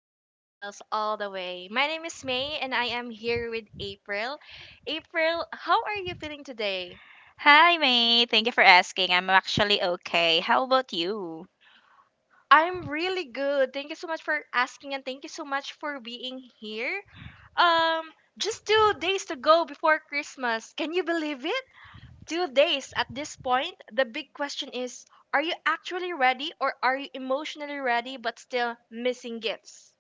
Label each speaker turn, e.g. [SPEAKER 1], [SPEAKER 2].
[SPEAKER 1] jingle bells all the way. My name is May and I am here with April. April, how are you feeling today?
[SPEAKER 2] Hi, May. Thank you for asking. I'm actually okay. How about you?
[SPEAKER 1] I'm really good. Thank you so much for asking and thank you so much for being here. Um, just 2 days to go before Christmas. Can you believe it? 2 days at this point. The big question is, are you actually ready or are you emotionally ready but still missing gifts?